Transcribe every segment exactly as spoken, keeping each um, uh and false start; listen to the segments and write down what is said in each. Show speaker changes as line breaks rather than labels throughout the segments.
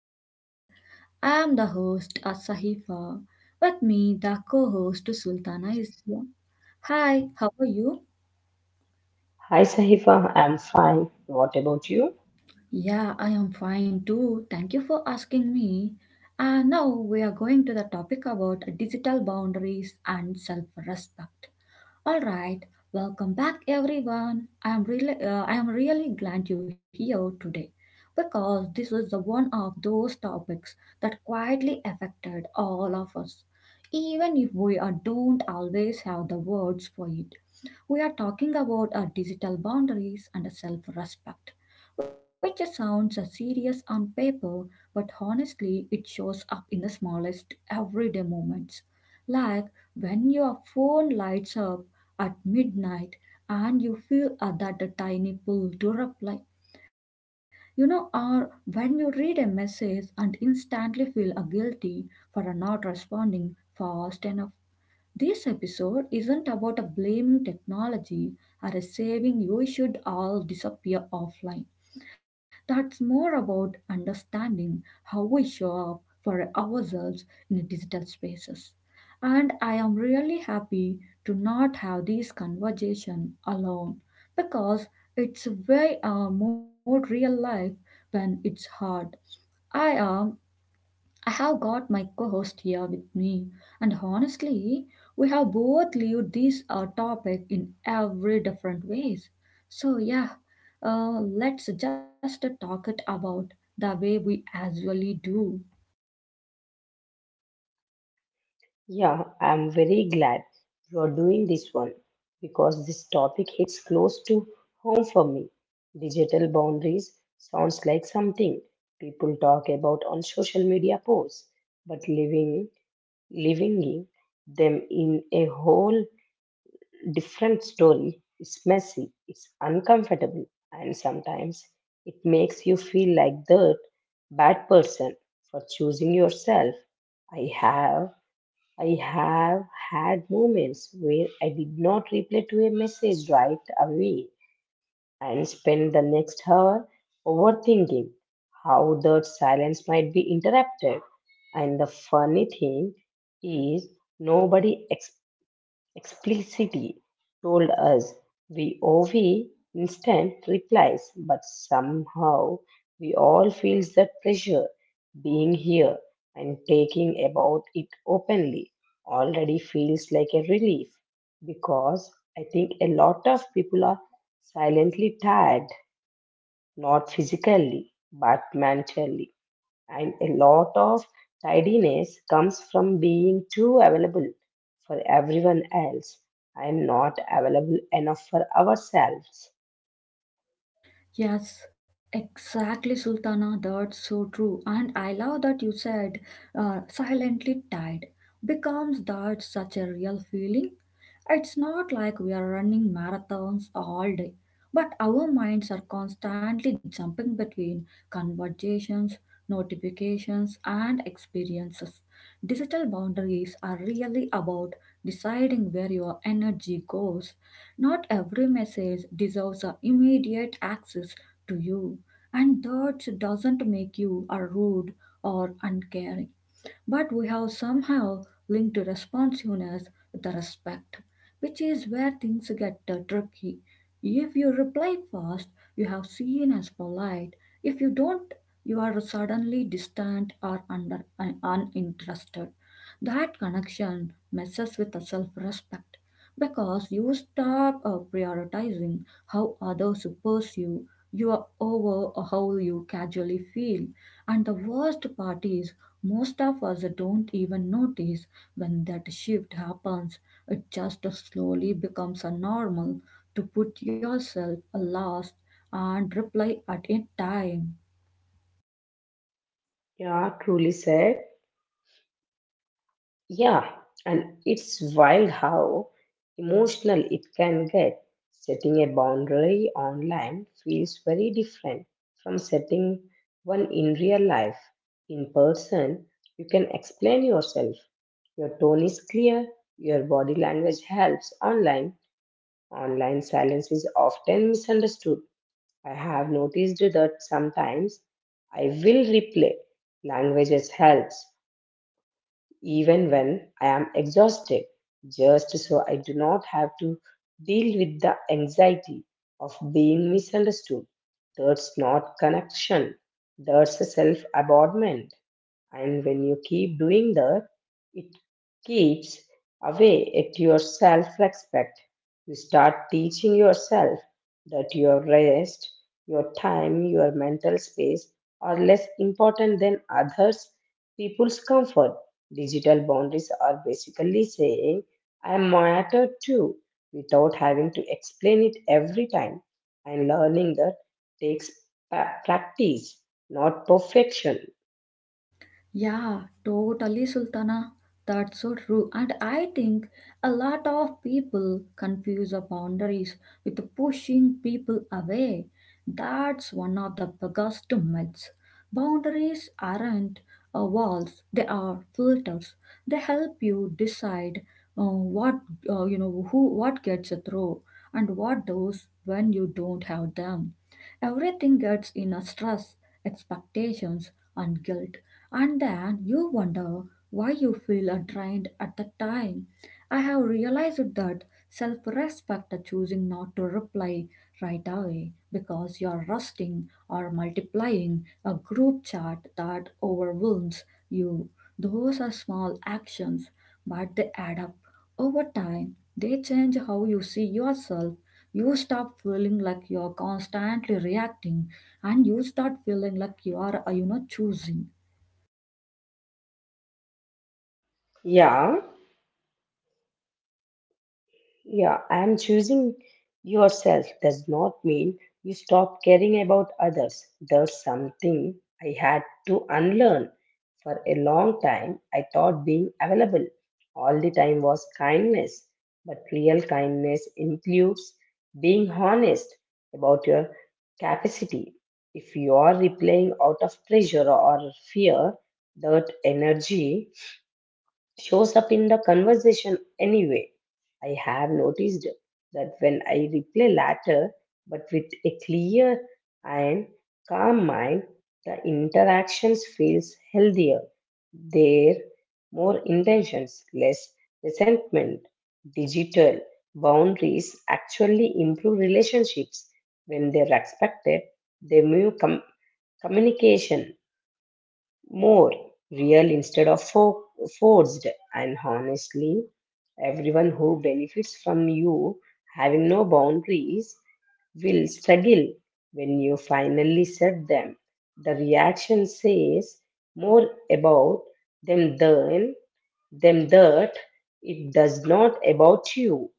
episode. I am the host Asahifa. With me, the co-host Sultana is here. Hi, how are you?
Hi Sahifa, I'm fine. What about you?
Yeah, I am fine too. Thank you for asking me. And now we are going to the topic about digital boundaries and self respect. All right, welcome back everyone. I am really uh, I am really glad you're here today because this is the one of those topics that quietly affected all of us even if we are, don't always have the words for it. We are talking about our digital boundaries and our self respect, which sounds uh, serious on paper, but honestly, it shows up in the smallest everyday moments. Like when your phone lights up at midnight and you feel uh, that a tiny pull to reply. You know, or when you read a message and instantly feel uh, guilty for uh, not responding fast enough. This episode isn't about a blaming technology or a saving you should all disappear offline. That's more about understanding how we show up for ourselves in digital spaces. And I am really happy to not have this conversation alone because it's way uh, more real life when it's hard. I am I have got my co host here with me, and honestly, we have both lived this uh, topic in every different ways. So, yeah, uh, let's just talk it about the way we usually do.
Yeah, I'm very glad you are doing this one because this topic hits close to home for me. Digital boundaries sounds like something people talk about on social media posts, but living living them in a whole different story. It's messy, it's uncomfortable, and sometimes it makes you feel like the bad person for choosing yourself. I have I have had moments where I did not reply to a message right away and spent the next hour overthinking how that silence might be interrupted. And the funny thing is nobody explicitly told us we owe we instant replies, but somehow we all feel that pressure being here and taking about it openly already feels like a relief because I think a lot of people are silently tired, not physically but mentally, and a lot of tidiness comes from being too available for everyone else and not available enough for ourselves.
Yes, exactly, Sultana. That's so true. And I love that you said uh, silently tied. Becomes that such a real feeling? It's not like we are running marathons all day, but our minds are constantly jumping between conversations, notifications, and experiences. Digital boundaries are really about deciding where your energy goes. Not every message deserves a immediate access to you, and that doesn't make you a rude or uncaring but we have somehow linked responsiveness with respect, which is where things get uh, tricky. If you reply fast, you have seen as polite. If you don't, you are suddenly distant or under un- uninterested. That connection messes with the self-respect because you stop uh, prioritizing how others perceive you over how you casually feel. And the worst part is most of us don't even notice when that shift happens. It just slowly becomes a normal to put yourself last and reply at a time.
Yeah, truly said. Yeah, and it's wild how emotional it can get. Setting a boundary online feels very different from setting one in real life. In person, you can explain yourself. Your tone is clear, your body language helps online. Online silence is often misunderstood. I have noticed that sometimes I will replay. Languages helps, even when I am exhausted, just so I do not have to deal with the anxiety of being misunderstood. That's not connection, that's a self abandonment. And when you keep doing that, it keeps away at your self respect. You start teaching yourself that your rest, your time, your mental space are less important than others people's comfort. Digital boundaries are basically saying, I matter too, without having to explain it every time. And learning that takes pa- practice, not perfection.
Yeah, totally, Sultana. That's so true. And I think a lot of people confuse the boundaries with pushing people away. That's one of the biggest myths. Boundaries aren't uh, walls; they are filters. They help you decide uh, what uh, you know, who, what gets through, and what does when you don't have them. Everything gets in a stress, expectations, and guilt and then you wonder why you feel untrained at the time. I have realized that self respect choosing not to reply right away because you're rusting or multiplying a group chat that overwhelms you. Those are small actions, but they add up. Over time, they change how you see yourself. You stop feeling like you're constantly reacting and you start feeling like you are, uh, you know, choosing.
Yeah. Yeah, and choosing yourself does not mean you stop caring about others. There's something I had to unlearn. For a long time, I thought being available all the time was kindness, but real kindness includes being honest about your capacity. If you are replaying out of pressure or fear, that energy shows up in the conversation anyway. I have noticed that when I replay later, but with a clear and calm mind, the interactions feels healthier. There more intentions, less resentment. Digital boundaries actually improve relationships when they're respected. They move com- communication more real instead of fo- forced. And honestly, everyone who benefits from you having no boundaries will struggle when you finally set them. The reaction says more about them than them that it does not about you.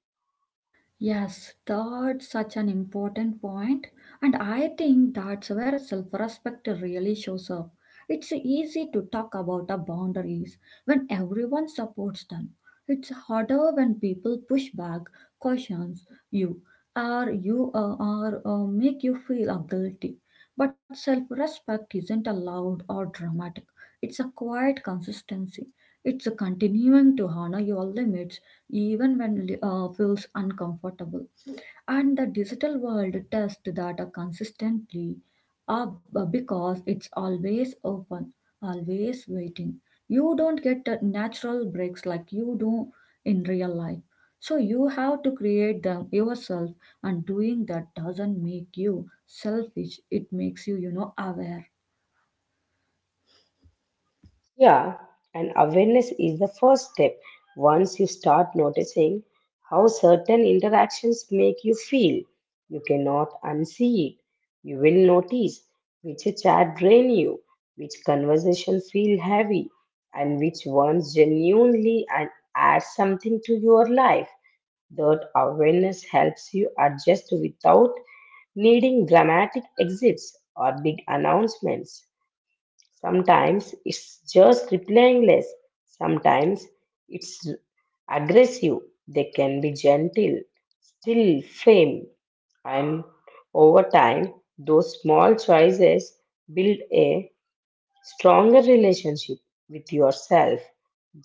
Yes, that's such an important point, and I think that's where self respect really shows up. It's easy to talk about the boundaries when everyone supports them. It's harder when people push back, cautions you, or you uh, or uh, make you feel uh, guilty. But self respect isn't a loud or dramatic. It's a quiet consistency. It's a continuing to honor your limits even when li- uh, feels uncomfortable. And the digital world tests data consistently uh, b- because it's always open, always waiting. You don't get uh, natural breaks like you do in real life. So you have to create them yourself, and doing that doesn't make you selfish. It makes you, you know, aware.
Yeah, and awareness is the first step. Once you start noticing how certain interactions make you feel, you cannot unsee it. You will notice which chat drain you, which conversation feel heavy, and which ones genuinely and add something to your life. That awareness helps you adjust without needing dramatic exits or big announcements. Sometimes it's just replying less. Sometimes it's aggressive. They can be gentle, still firm. And over time, those small choices build a stronger relationship with yourself.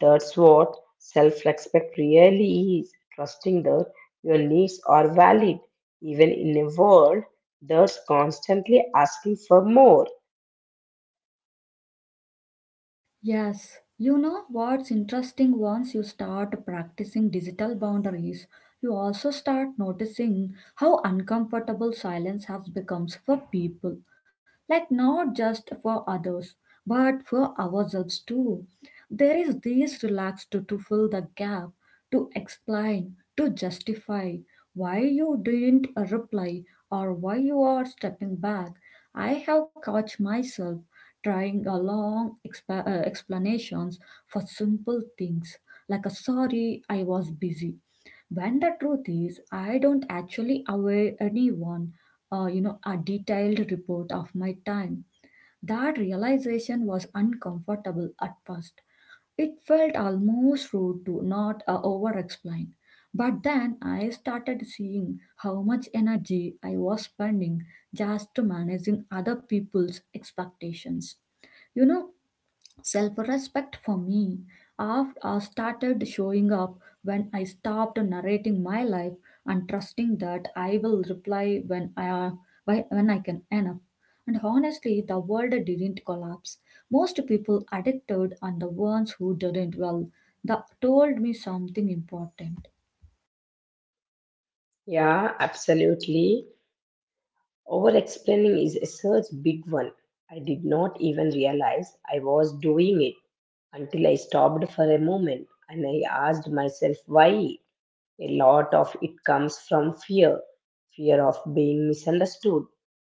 That's what self respect really is trusting that your needs are valid, even in a world that's constantly asking for more.
Yes, you know what's interesting once you start practicing digital boundaries, you also start noticing how uncomfortable silence has becomes for people. Like not just for others, but for ourselves too. There is this relax to, to fill the gap, to explain, to justify why you didn't reply or why you are stepping back. I have caught myself trying a long expa- uh, explanations for simple things like a sorry I was busy when the truth is I don't actually aware anyone uh, you know a detailed report of my time. That realization was uncomfortable at first. It felt almost rude to not uh, over explain, but then I started seeing how much energy I was spending just to managing other people's expectations you know Self respect for me af- uh, started showing up when I stopped narrating my life and trusting that I will reply when I, uh, why- when I can enough. And honestly, the world didn't collapse. Most people addicted and the ones who didn't, well, that told me something important.
Yeah, absolutely. Over explaining is a such big one. I did not even realize I was doing it until I stopped for a moment and I asked myself why. A lot of it comes from fear fear of being misunderstood,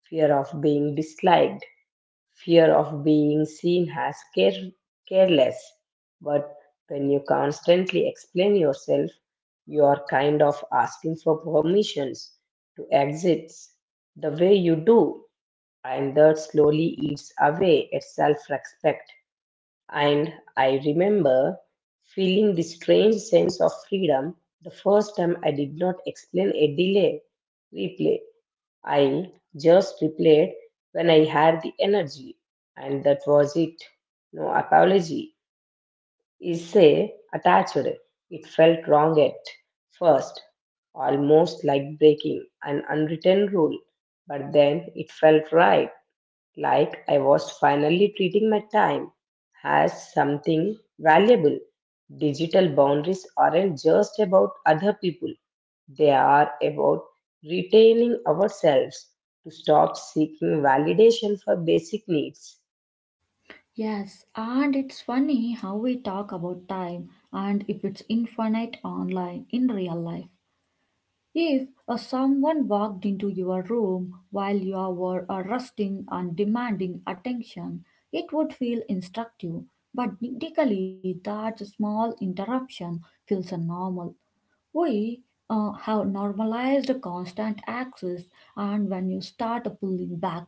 fear of being disliked, fear of being seen as care- careless. But when you constantly explain yourself, you are kind of asking for permissions to exit the way you do, and that slowly eats away at self respect. And I remember feeling this strange sense of freedom the first time I did not explain a delay replay. I just replayed when I had the energy, and that was it. No apology is say attached. It felt wrong at first, almost like breaking an unwritten rule, but then it felt right like I was finally treating my time as something valuable. Digital boundaries aren't just about other people, they are about retaining ourselves to stop seeking validation for basic needs.
Yes, and it's funny how we talk about time and if it's infinite online in real life. If uh, someone walked into your room while you were uh, resting and demanding attention, it would feel instructive, but technically that small interruption feels uh, normal. We uh, have normalized constant access, and when you start pulling back,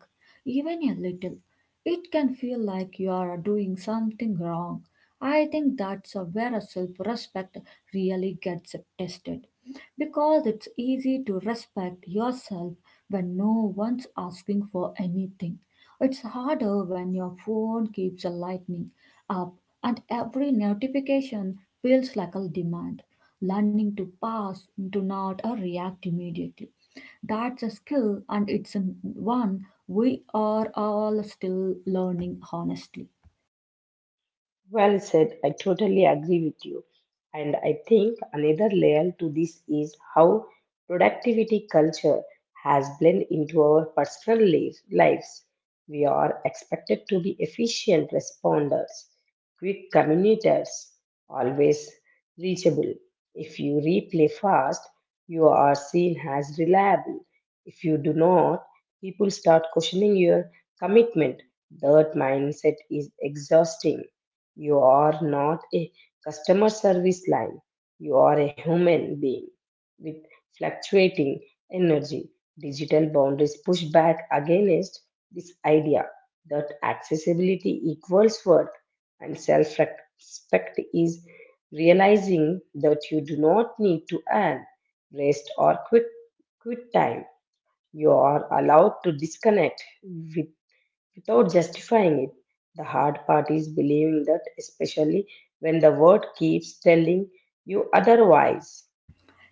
even a little, it can feel like you are doing something wrong. I think that's uh, where self respect really gets tested. Because it's easy to respect yourself when no one's asking for anything. It's harder when your phone keeps lighting up and every notification feels like a demand. Learning to pass, to not or react immediately. That's a skill and it's an one we are all still learning honestly.
Well said. I totally agree with you. And I think another layer to this is how productivity culture has blended into our personal life- lives. We are expected to be efficient responders, quick communicators, always reachable. If you reply fast, you are seen as reliable. If you do not, people start questioning your commitment. That mindset is exhausting. You are not a customer service line. You are a human being with fluctuating energy. Digital boundaries push back against this idea that accessibility equals worth, and self respect is realizing that you do not need to earn rest or quit, quit time. You are allowed to disconnect with without justifying it. The hard part is believing that, especially when the world keeps telling you otherwise.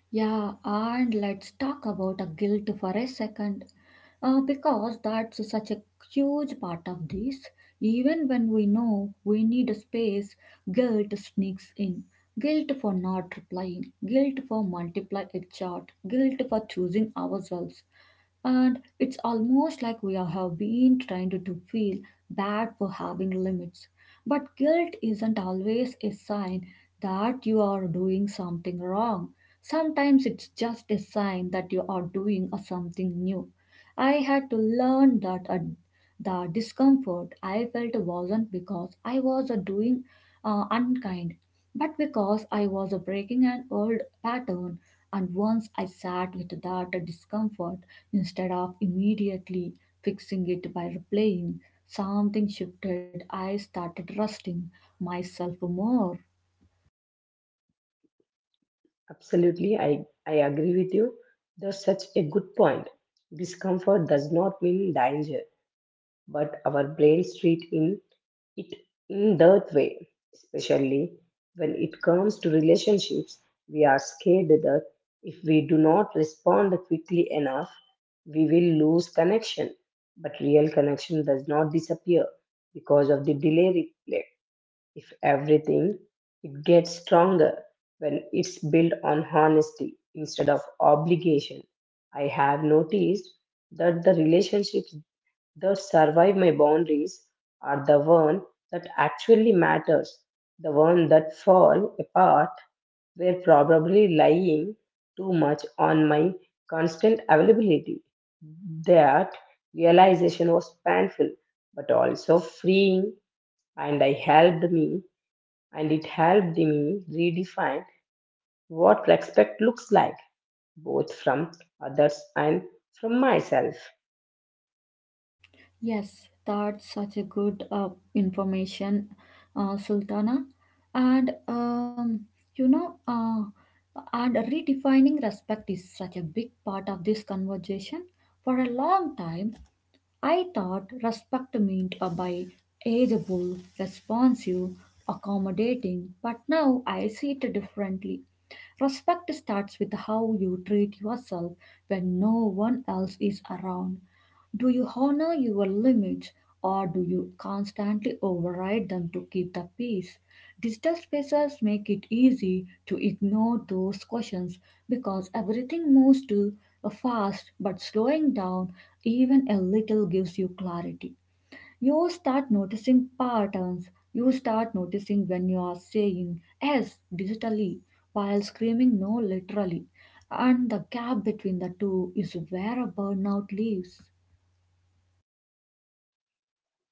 Yeah, and let's talk about a guilt for a second, uh, because that's such a huge part of this. Even when we know we need a space, guilt sneaks in. Guilt for not replying, guilt for multiply a chart, guilt for choosing ourselves. And it's almost like we are- have been trained to to feel bad for having limits. But guilt isn't always a sign that you are doing something wrong. Sometimes it's just a sign that you are doing a something new. I had to learn that a, the discomfort I felt wasn't because I was a doing uh, unkind, but because I was a breaking an old pattern. And once I sat with that discomfort instead of immediately fixing it by replaying, something shifted. I started trusting myself more.
Absolutely, I, I agree with you. That's such a good point. Discomfort does not mean danger, but our brains treat it it in that way, especially when it comes to relationships, we are scared that if we do not respond quickly enough, we will lose connection. But real connection does not disappear because of the delay replay. If everything, it gets stronger when it's built on honesty instead of obligation. I have noticed that the relationships the survive my boundaries are the one that actually matters, the one that fall apart were probably lying too much on my constant availability. That realization was painful but also freeing, and I helped me and it helped me redefine what respect looks like both from others and from myself.
Yes, that's such a good uh, information, uh, Sultana. And um, you know, uh, and redefining respect is such a big part of this conversation. For a long time, I thought respect meant uh, by ageable, responsive, accommodating, but now I see it differently. Respect starts with how you treat yourself when no one else is around. Do you honor your limits or do you constantly override them to keep the peace? Digital spaces make it easy to ignore those questions because everything moves too fast, but slowing down even a little gives you clarity. You start noticing patterns. You start noticing when you are saying yes digitally while screaming no literally. And the gap between the two is where a burnout lives.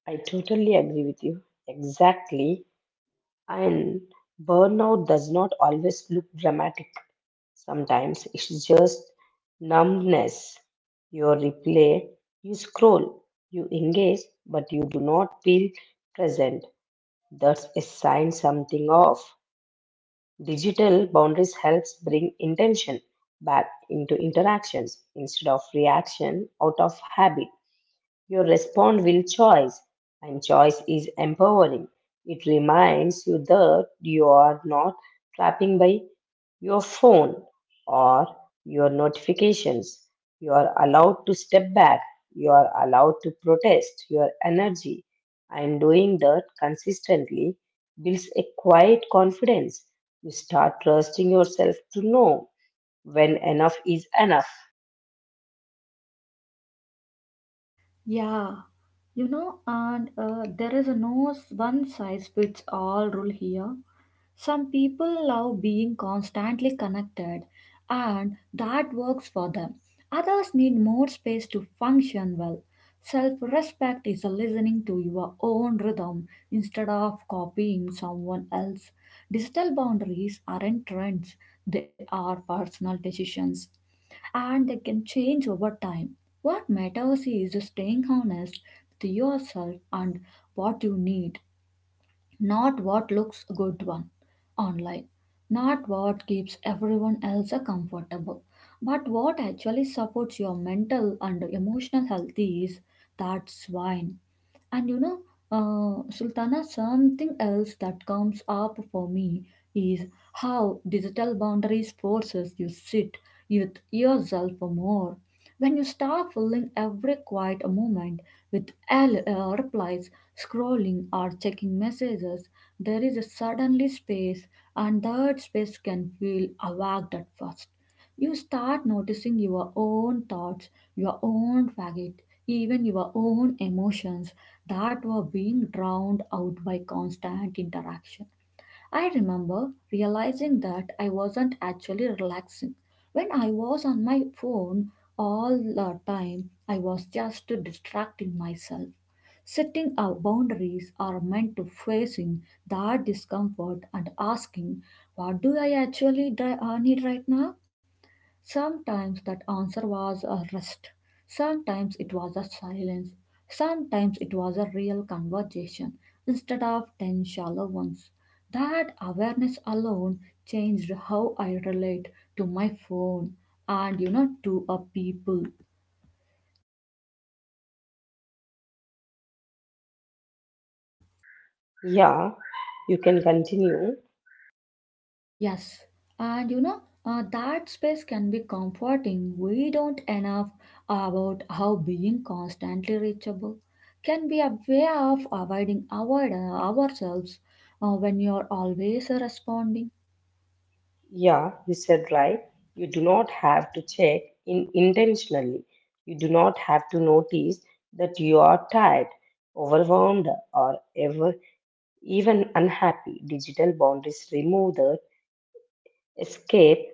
I totally agree with you. Exactly. And burnout does not always look dramatic. Sometimes it's just numbness. You replay, you scroll, you engage, but you do not feel present. That's a sign something off. Digital boundaries helps bring intention back into interactions instead of reaction out of habit. Your response will choice, and choice is empowering. It reminds you that you are not trapping by your phone or your notifications. You are allowed to step back. You are allowed to protest your energy. And doing that consistently builds a quiet confidence. You start trusting yourself to know when enough is enough.
Yeah, you know, and uh, there is no one size fits all rule here. Some people love being constantly connected and that works for them. Others need more space to function well. Self respect is listening to your own rhythm instead of copying someone else. Digital boundaries aren't trends, they are personal decisions and they can change over time. What matters is staying honest with yourself and what you need, not what looks good one online, not what keeps everyone else uh, comfortable, but what actually supports your mental and emotional health is that's wine. And you know, uh, Sultana, something else that comes up for me is how digital boundaries forces you sit with yourself more. When you start filling every quiet moment with L- uh, replies, scrolling or checking messages, there is a suddenly space, and that space can feel awkward at first. You start noticing your own thoughts, your own fatigue, even your own emotions that were being drowned out by constant interaction. I remember realizing that I wasn't actually relaxing. When I was on my phone all the time, I was just distracting myself. Setting our boundaries are meant to facing that discomfort and asking, what do I actually dri- uh, need right now? Sometimes that answer was a rest, sometimes it was a silence, sometimes it was a real conversation instead of ten shallow ones. That awareness alone changed how I relate to my phone and you know to a people.
Yeah, you can continue.
Yes, and you know, uh, that space can be comforting. We don't enough about how being constantly reachable can be a way of avoiding our, uh, ourselves uh, when you're always responding.
Yeah, you said right. You do not have to check in intentionally. You do not have to notice that you are tired, overwhelmed, or ever even unhappy. Digital boundaries remove the escape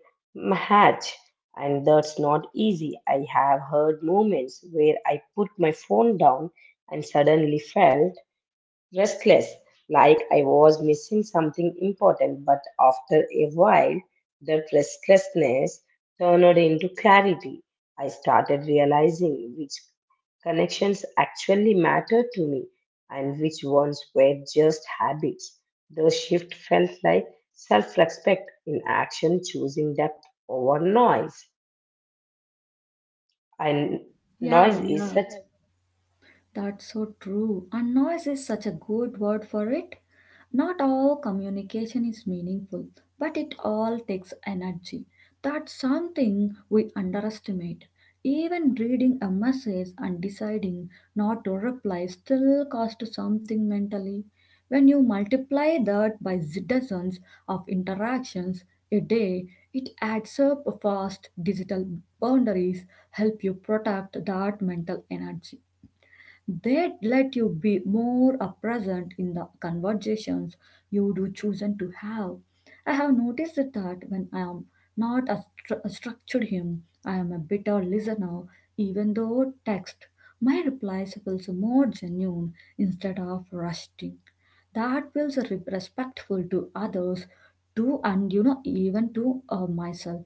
hatch, and that's not easy. I have heard moments where I put my phone down and suddenly felt restless, like I was missing something important, but after a while, that restlessness turned into clarity. I started realizing which connections actually matter to me and which ones were just habits. The shift felt like self respect in action, choosing depth over noise. And
Yeah,
noise
yeah.
is such.
That's so true. And noise is such a good word for it. Not all communication is meaningful, but it all takes energy. That's something we underestimate. Even reading a message and deciding not to reply still costs something mentally. When you multiply that by dozens of interactions a day, it adds up fast. Digital boundaries help you protect that mental energy. They let you be more uh, present in the conversations you do chosen to have. I have noticed that when I am not a, stru- a structured hymn, I am a bitter listener, even though text. My replies feels more genuine instead of rusting. That feels re- respectful to others, to and you know even to uh, myself.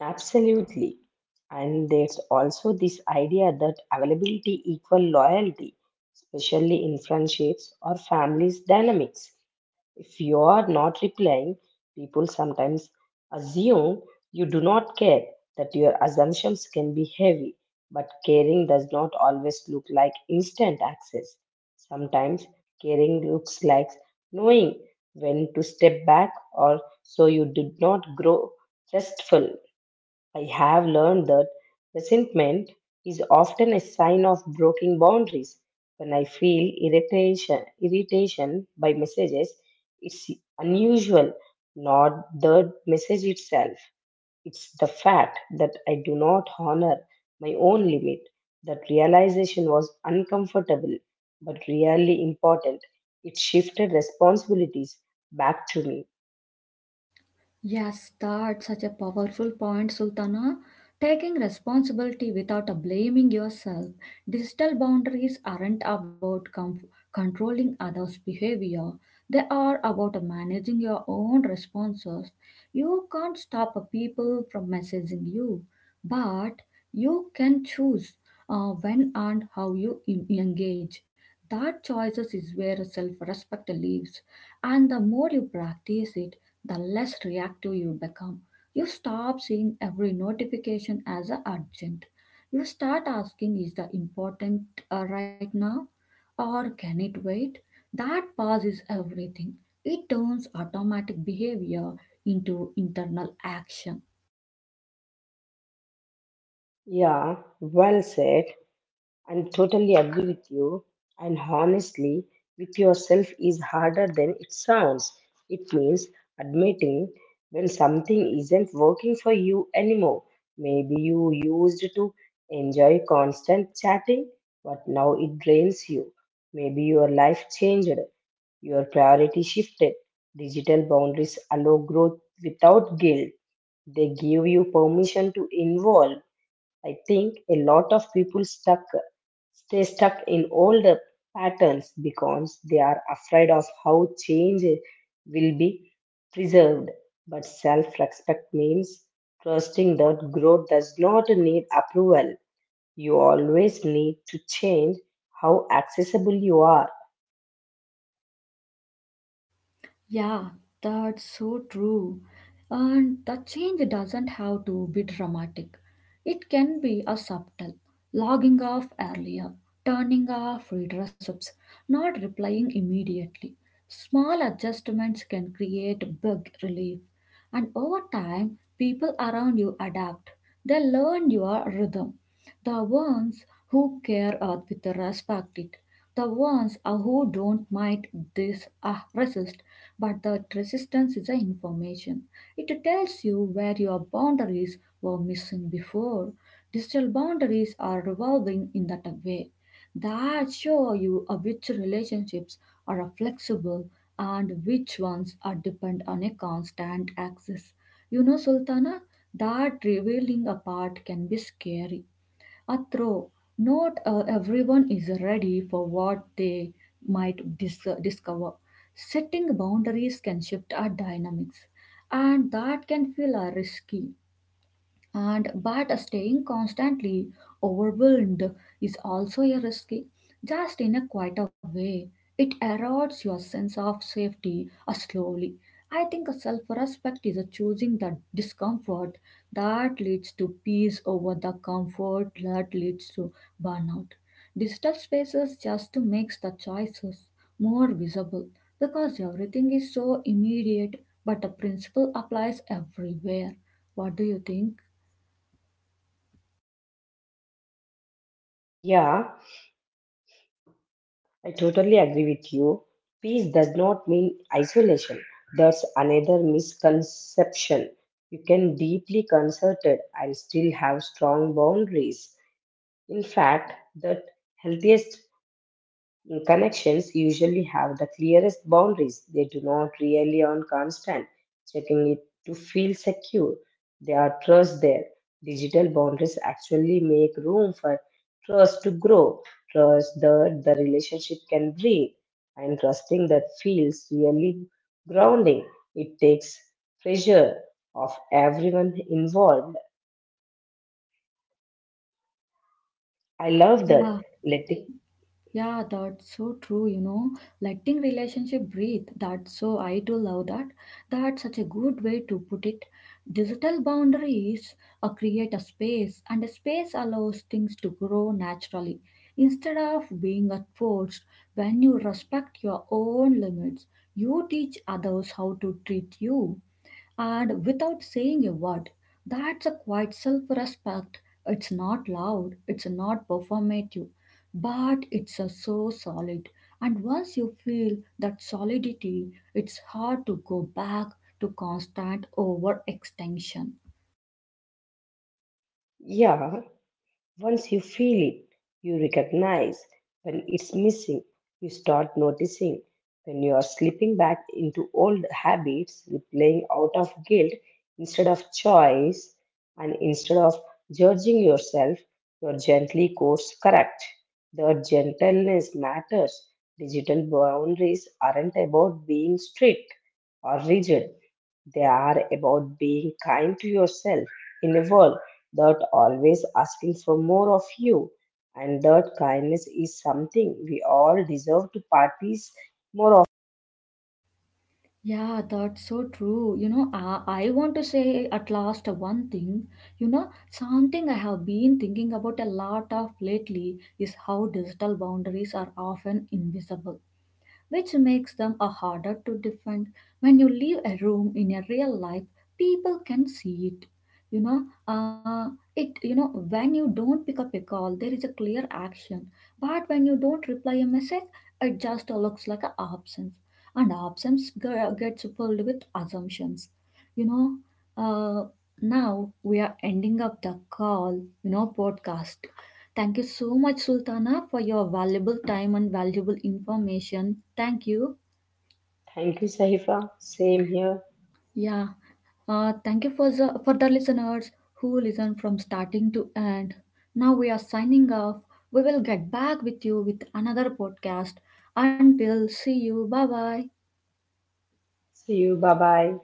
Absolutely. And there's also this idea that availability equal loyalty, especially in friendships or families dynamics. If you are not replying, people sometimes assume you do not care, that your assumptions can be heavy, but caring does not always look like instant access. Sometimes caring looks like knowing when to step back or so you did not grow restful. I have learned that resentment is often a sign of broken boundaries. When I feel irritation, irritation by messages, it's unusual, not the message itself. It's the fact that I do not honor my own limit. That realization was uncomfortable but really important. It shifted responsibilities back to me.
Yes, that's such a powerful point, Sultana. Taking responsibility without a blaming yourself. Digital boundaries aren't about com- controlling others' behavior, they are about managing your own responses. You can't stop a people from messaging you, but you can choose uh, when and how you en- engage. That choices is where self respect lives, and the more you practice it, the less reactive you become. You stop seeing every notification as a urgent. You start asking, is the important uh, right now or can it wait? That pause is everything. It turns automatic behavior into internal action.
Yeah, well said. And totally agree with you. And honestly, with yourself is harder than it sounds. It means admitting when something isn't working for you anymore. Maybe you used to enjoy constant chatting, but now it drains you. Maybe your life changed, your priority shifted. Digital boundaries allow growth without guilt. They give you permission to involve. I think a lot of people stuck stay stuck in old patterns because they are afraid of how change will be preserved. But self respect means trusting that growth does not need approval. You always need to change how accessible you are.
Yeah, that's so true. And the change doesn't have to be dramatic. It can be a subtle, logging off earlier, turning off read receipts, not replying immediately. Small adjustments can create big relief. And over time, people around you adapt. They learn your rhythm. The ones who care uh, with respect it. The ones uh, who don't mind this uh, resist. But that resistance is an information. It tells you where your boundaries were missing before. Digital boundaries are revolving in that way. That show you uh, which relationships are uh, flexible and which ones are depend on a constant access. You know, Sultana, that revealing apart can be scary a throw. Not uh, everyone is ready for what they might dis- discover. Setting boundaries can shift our dynamics, and that can feel uh, risky and but staying constantly overwhelmed is also a risky, just in a quieter way. It erodes your sense of safety uh, slowly. I think a self-respect is a choosing the discomfort that leads to peace over the comfort that leads to burnout. Digital spaces just to makes the choices more visible because everything is so immediate, but the principle applies everywhere. What do you think?
Yeah, I totally agree with you. Peace does not mean isolation. That's another misconception. You can deeply concerted and still have strong boundaries. In fact, the healthiest connections usually have the clearest boundaries. They do not rely on constant checking it to feel secure. They are trust there. Digital boundaries actually make room for trust to grow, trust that the relationship can breathe, and trusting that feels really grounding. It takes pressure off everyone involved. I love
Yeah,
that. Letting,
yeah, that's so true, you know. Letting relationship breathe, that's so I do love that. That's such a good way to put it. Digital boundaries uh, create a space, and a space allows things to grow naturally instead of being uh, forced. When you respect your own limits, you teach others how to treat you and without saying a word. That's a quiet self respect. It's not loud, it's not performative, but it's a so solid. And once you feel that solidity, it's hard to go back to constant overextension.
yeah. Once you feel it, you recognize when it's missing. You start noticing when you are slipping back into old habits, replaying out of guilt instead of choice, and instead of judging yourself, you're gently course correct. The gentleness matters. Digital boundaries aren't about being strict or rigid, they are about being kind to yourself in a world that always asking for more of you. And that kindness is something we all deserve to practice more of.
Yeah, that's so true. You know, I, I want to say at last one thing. You know, something I have been thinking about a lot of lately is how digital boundaries are often invisible, which makes them a harder to defend. When you leave a room in a real life, people can see it. You know, uh, it you know when you don't pick up a call, there is a clear action. But when you don't reply a message, it just looks like an absence, and absence ge- gets filled with assumptions. You know, uh, now we are ending up the call. You know, podcast. Thank you so much, Sultana, for your valuable time and valuable information. Thank you.
Thank you, Sahifa. Same here.
Yeah. Uh, thank you for the for the listeners who listen from starting to end. Now we are signing off. We will get back with you with another podcast. Until see you. Bye bye.
See you. Bye bye.